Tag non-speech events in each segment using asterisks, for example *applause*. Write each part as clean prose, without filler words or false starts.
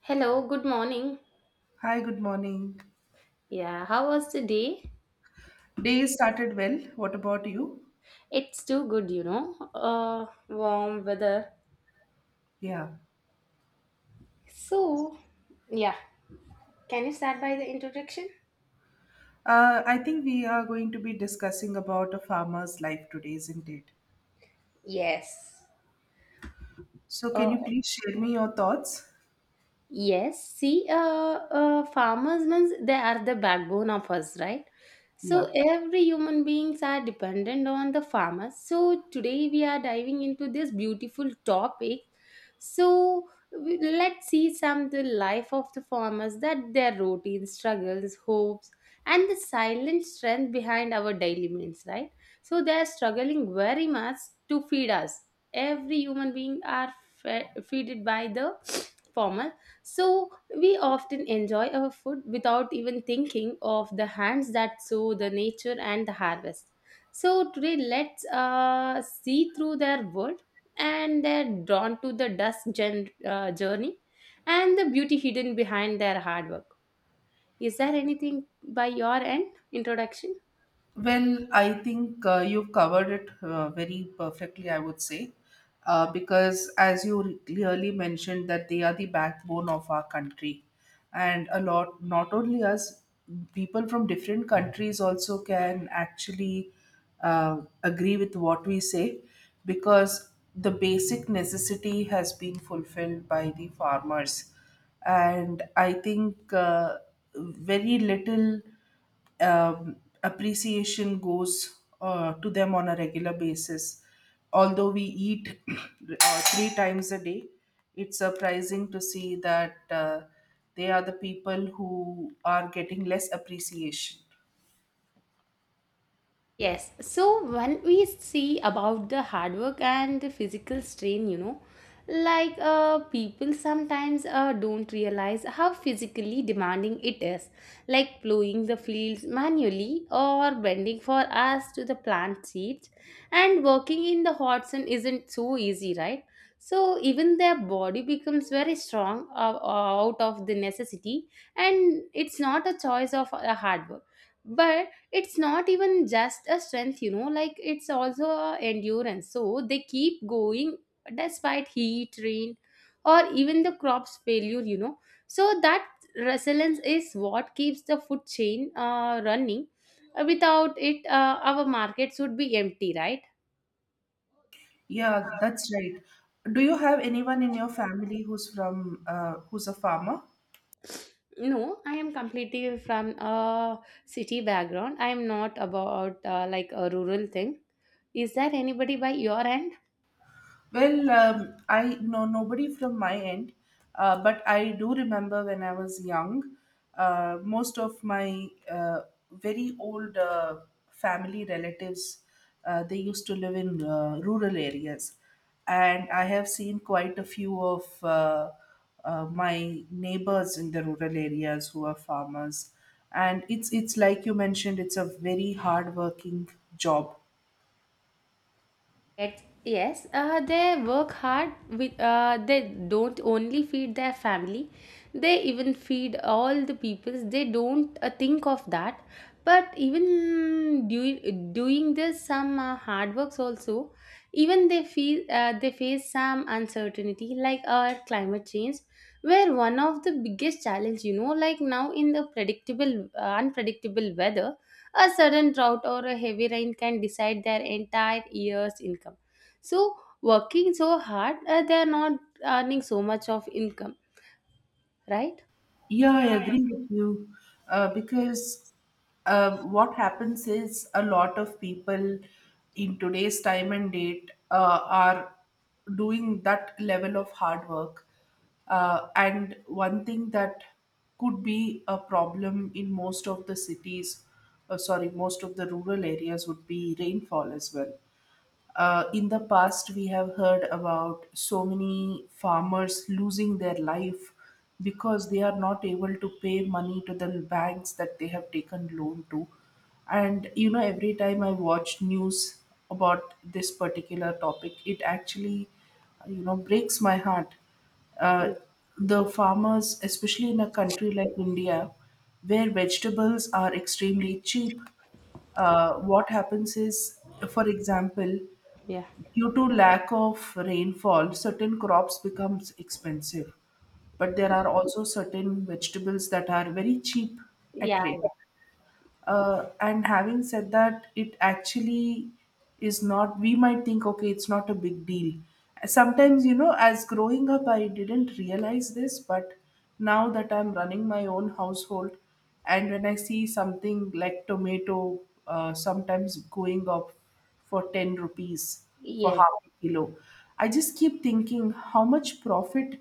Hello, good morning. Hi, good morning. Yeah, how was the day? Day started well. What about you? It's too good, you know. Warm weather. Yeah. So, yeah. Can you start by the introduction? I think we are going to be discussing about a farmer's life today, isn't it? Yes. So, can you Oh, please share me your thoughts? yes, see, farmers means they are the backbone of us, right? Yeah. So every human beings are dependent on the farmers. So today we are diving into this beautiful topic. So let's see some the life of the farmers, that their routines, struggles, hopes, and the silent strength behind our daily means, right? So they are struggling very much to feed us. Every human being are fed, feeded by the farmers, so we often enjoy our food without even thinking of the hands that sow the nature and the harvest. So today let's see through their world, and they're drawn to the dust journey and the beauty hidden behind their hard work. Is there anything by your end introduction? Well, I think you've covered it very perfectly, I would say, because as you clearly mentioned that they are the backbone of our country, and a lot, not only us, people from different countries also can actually agree with what we say, because the basic necessity has been fulfilled by the farmers, and I think very little um, appreciation goes to them on a regular basis. Although we eat *clears throat* three times a day, it's surprising to see that they are the people who are getting less appreciation. Yes. So when we see about the hard work and the physical strain, you know, like people sometimes don't realize how physically demanding it is, like plowing the fields manually or bending for us to the plant seeds. And working in the hot sun isn't so easy, right? So even their body becomes very strong out of the necessity, and it's not a choice of a hard work, but it's not even just a strength, you know, like it's also a endurance. So they keep going despite heat, rain, or even the crops failure, you know. So that resilience is what keeps the food chain running. Without it our markets would be empty, right? Yeah, that's right. Do you have anyone in your family who's a farmer? No, I am completely from a city background. I am not about like a rural thing. Is there anybody by your end? Well, I know nobody from my end, but I do remember when I was young, most of my very old family relatives, they used to live in rural areas. And I have seen quite a few of my neighbors in the rural areas who are farmers. And it's like you mentioned, it's a very hard working job. It, yes, they work hard. With they don't only feed their family, they even feed all the peoples. They don't think of that. But even doing this some hard works also, even they feel they face some uncertainty like our climate change, where one of the biggest challenge, you know, like now in the predictable unpredictable weather, a sudden drought or a heavy rain can decide their entire year's income. So, working so hard, they are not earning so much of income, right? Yeah, I agree with you. Because what happens is a lot of people in today's time and date are doing that level of hard work. And one thing that could be a problem in most of the cities, sorry, most of the rural areas would be rainfall as well. In the past, we have heard about so many farmers losing their life because they are not able to pay money to the banks that they have taken loan to. And you know, every time I watch news about this particular topic, it actually, you know, breaks my heart uh, the farmers, especially in a country like India, where vegetables are extremely cheap, what happens is, for example, Yeah. due to lack of rainfall, certain crops becomes expensive, but there are also certain vegetables that are very cheap at Yeah, rate. And having said that, it actually is not, we might think, okay, it's not a big deal sometimes, you know. As growing up, I didn't realize this, but now that I'm running my own household and when I see something like tomato sometimes going up for 10 rupees for yes. half a kilo, I just keep thinking how much profit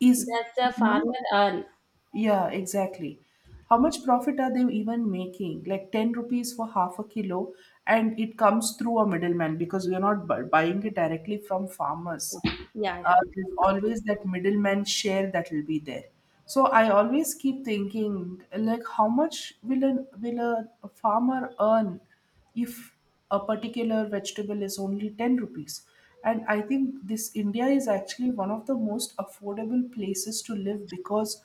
is. That's the No. farmer earn. Yeah, exactly. How much profit are they even making? Like 10 rupees for half a kilo, and it comes through a middleman because we are not buying it directly from farmers. Yeah, There's always that middleman share that will be there. So I always keep thinking, like, how much will a farmer earn if a particular vegetable is only 10 rupees? And I think this India is actually one of the most affordable places to live because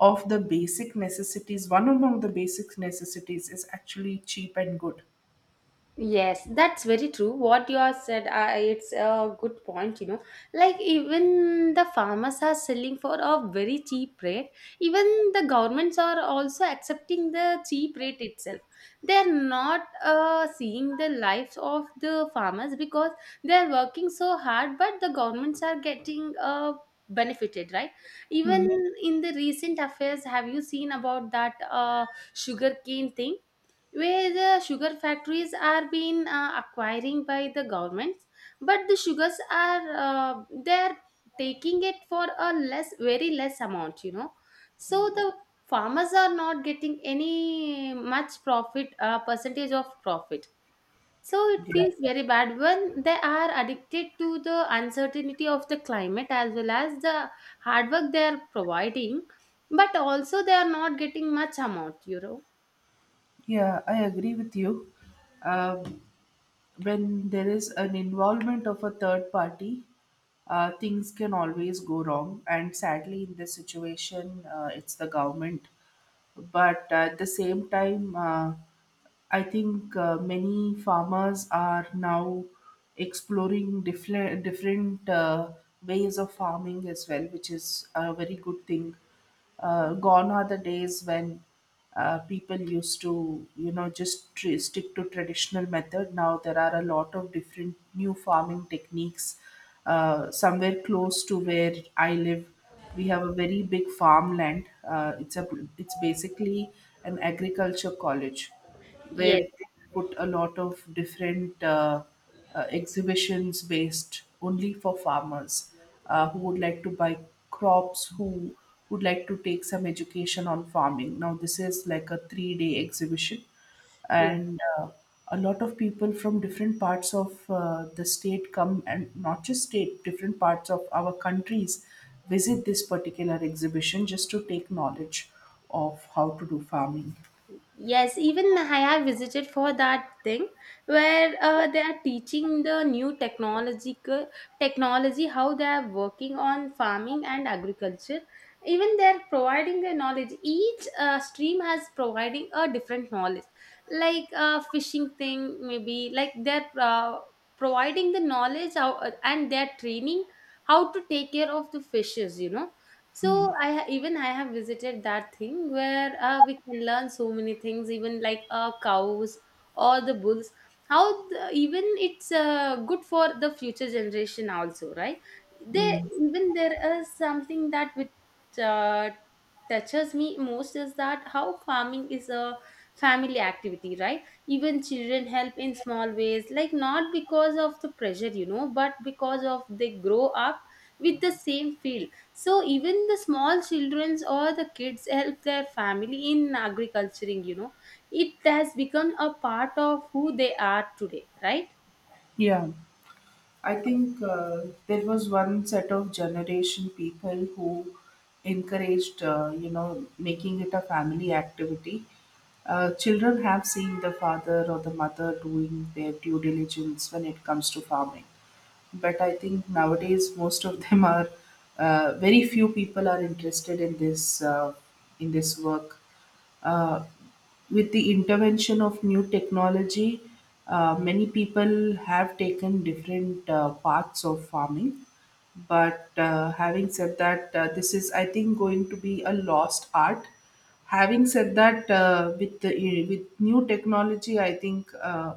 of the basic necessities. One among the basic necessities is actually cheap and good. yes, that's very true. What you have said, it's a good point, you know. Like, even the farmers are selling for a very cheap rate. Even the governments are also accepting the cheap rate itself. They're not seeing the lives of the farmers because they're working so hard, but the governments are getting benefited, right? Even Hmm. in the recent affairs, have you seen about that sugarcane thing? Where the sugar factories are being acquiring by the governments, but the sugars are they're taking it for a less very less amount, you know. So the farmers are not getting any much profit, percentage of profit. So it Yeah, feels very bad when they are addicted to the uncertainty of the climate as well as the hard work they are providing, but also they are not getting much amount, you know. yeah, I agree with you. Um, when there is an involvement of a third party, things can always go wrong. And sadly, in this situation, it's the government. But at the same time, I think many farmers are now exploring different ways of farming as well, which is a very good thing. Gone are the days when people used to, you know, just stick to traditional method. Now there are a lot of different new farming techniques. Somewhere close to where I live, we have a very big farmland. It's basically an agriculture college where Yes. they put a lot of different exhibitions based only for farmers who would like to buy crops, who would like to take some education on farming. Now, this is like a 3 day exhibition, and a lot of people from different parts of the state come, and not just state, different parts of our countries visit this particular exhibition just to take knowledge of how to do farming. Yes, even I have visited for that thing where they are teaching the new technological technology, how they are working on farming and agriculture. Even they are providing the knowledge. Each stream has providing a different knowledge, like fishing thing maybe. Like they're providing the knowledge how, and they're training how to take care of the fishes. You know, so even I have visited that thing where we can learn so many things, even like cows or the bulls. How the, even it's good for the future generation also, right? There Mm. even there is something that which touches me most is that how farming is a family activity, right? Even children help in small ways, like not because of the pressure, you know, but because of they grow up with the same field. So even the small childrens or the kids help their family in agriculturing, you know, it has become a part of who they are today, right? Yeah. I think there was one set of generation people who encouraged, you know, making it a family activity. Children have seen the father or the mother doing their due diligence when it comes to farming, but I think nowadays most of them are very few people are interested in this in this work. Uh, with the intervention of new technology, many people have taken different parts of farming. But having said that, this is, I think, going to be a lost art. Having said that, with new technology, I think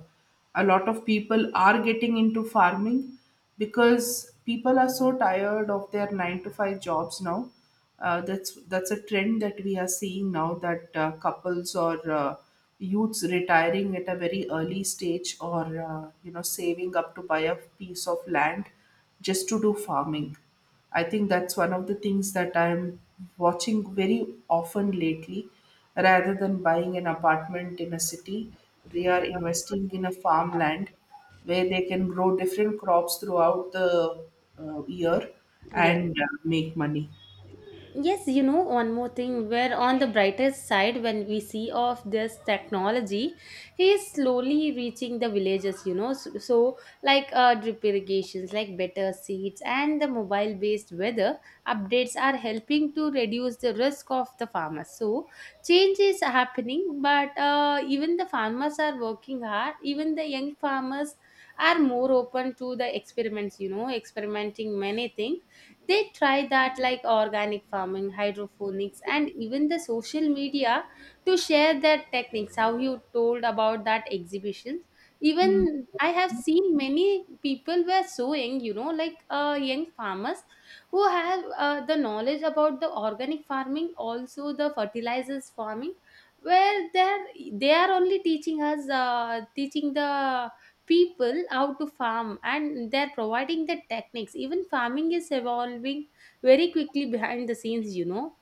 a lot of people are getting into farming because people are so tired of their nine to five jobs now. That's a trend that we are seeing now, that couples or youths retiring at a very early stage, or you know, saving up to buy a piece of land just to do farming. I think that's one of the things that I'm watching very often lately. Rather than buying an apartment in a city, they are investing in a farmland where they can grow different crops throughout the year, Yes. and make money. Yes, you know, one more thing, we're on the brightest side when we see of this technology, he is slowly reaching the villages, you know. So, like drip irrigations, like better seeds, and the mobile based weather updates are helping to reduce the risk of the farmers. So, change is happening, but even the farmers are working hard, even the young farmers are more open to the experiments, you know, experimenting many things they try, that like organic farming, hydroponics, and even the social media to share their techniques. How you told about that exhibitions. Mm. Even I have seen many people were so young, you know, like young farmers who have the knowledge about the organic farming, also the fertilizers farming, where they are only teaching us, teaching the people how to farm, and they're providing the techniques. Even farming is evolving very quickly behind the scenes, you know.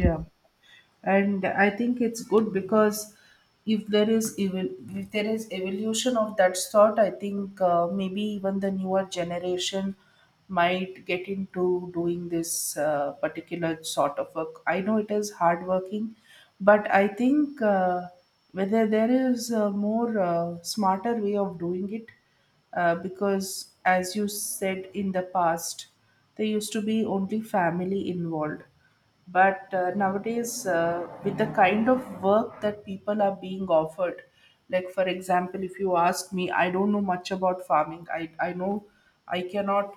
Yeah. And I think it's good because if there is evolution of that sort, I think maybe even the newer generation might get into doing this particular sort of work. I know it is hard working, but I think whether there is a more smarter way of doing it, because as you said, in the past there used to be only family involved, but nowadays with the kind of work that people are being offered, like for example, if you ask me, I don't know much about farming. I know I cannot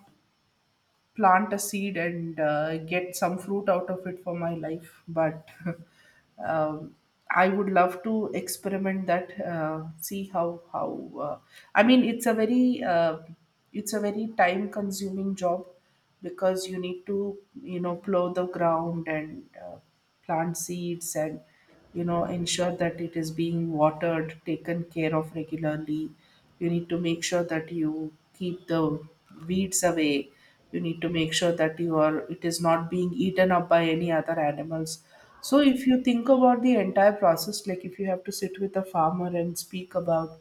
plant a seed and get some fruit out of it for my life, but *laughs* um, I would love to experiment that, uh, see how how uh, i mean, it's a very time consuming job, because you need to, you know, plow the ground and plant seeds, and you know, ensure that it is being watered, taken care of regularly. You need to make sure that you keep the weeds away. You need to make sure that you are it is not being eaten up by any other animals. So if you think about the entire process, like if you have to sit with a farmer and speak about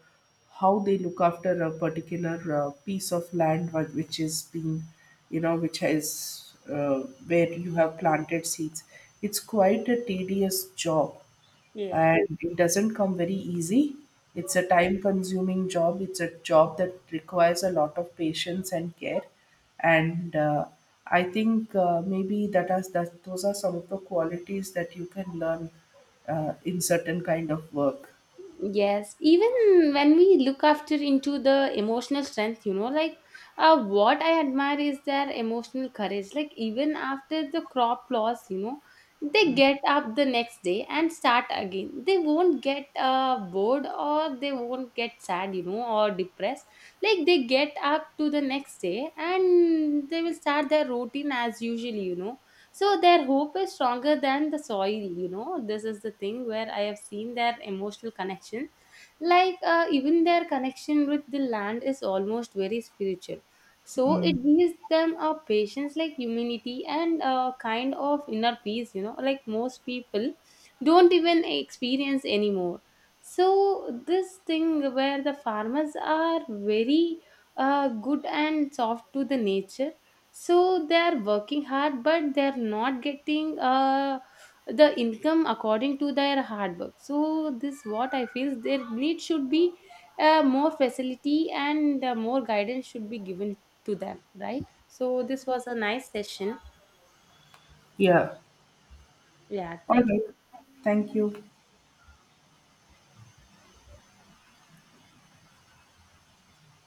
how they look after a particular piece of land which is being, you know, which has where you have planted seeds, it's quite a tedious job. Yes. And it doesn't come very easy. It's a time consuming job, it's a job that requires a lot of patience and care. And I think maybe that is, that those are some of the qualities that you can learn in certain kind of work. Yes, even when we look after into the emotional strength, you know, like what I admire is their emotional courage. Like even after the crop loss, you know, they get up the next day and start again. They won't get bored, or they won't get sad, you know, or depressed. Like they get up to the next day and they will start their routine as usually, you know. So their hope is stronger than the soil, you know. This is the thing where I have seen their emotional connection, like even their connection with the land is almost very spiritual. So it Mm. gives them a patience like humility and a kind of inner peace, you know, like most people don't even experience anymore. So this thing where the farmers are very good and soft to the nature, so they are working hard but they are not getting the income according to their hard work. So this what I feel, their need should be more facility and more guidance should be given to them, right? So this was a nice session. Yeah. Yeah, All thank right. you. Thank you.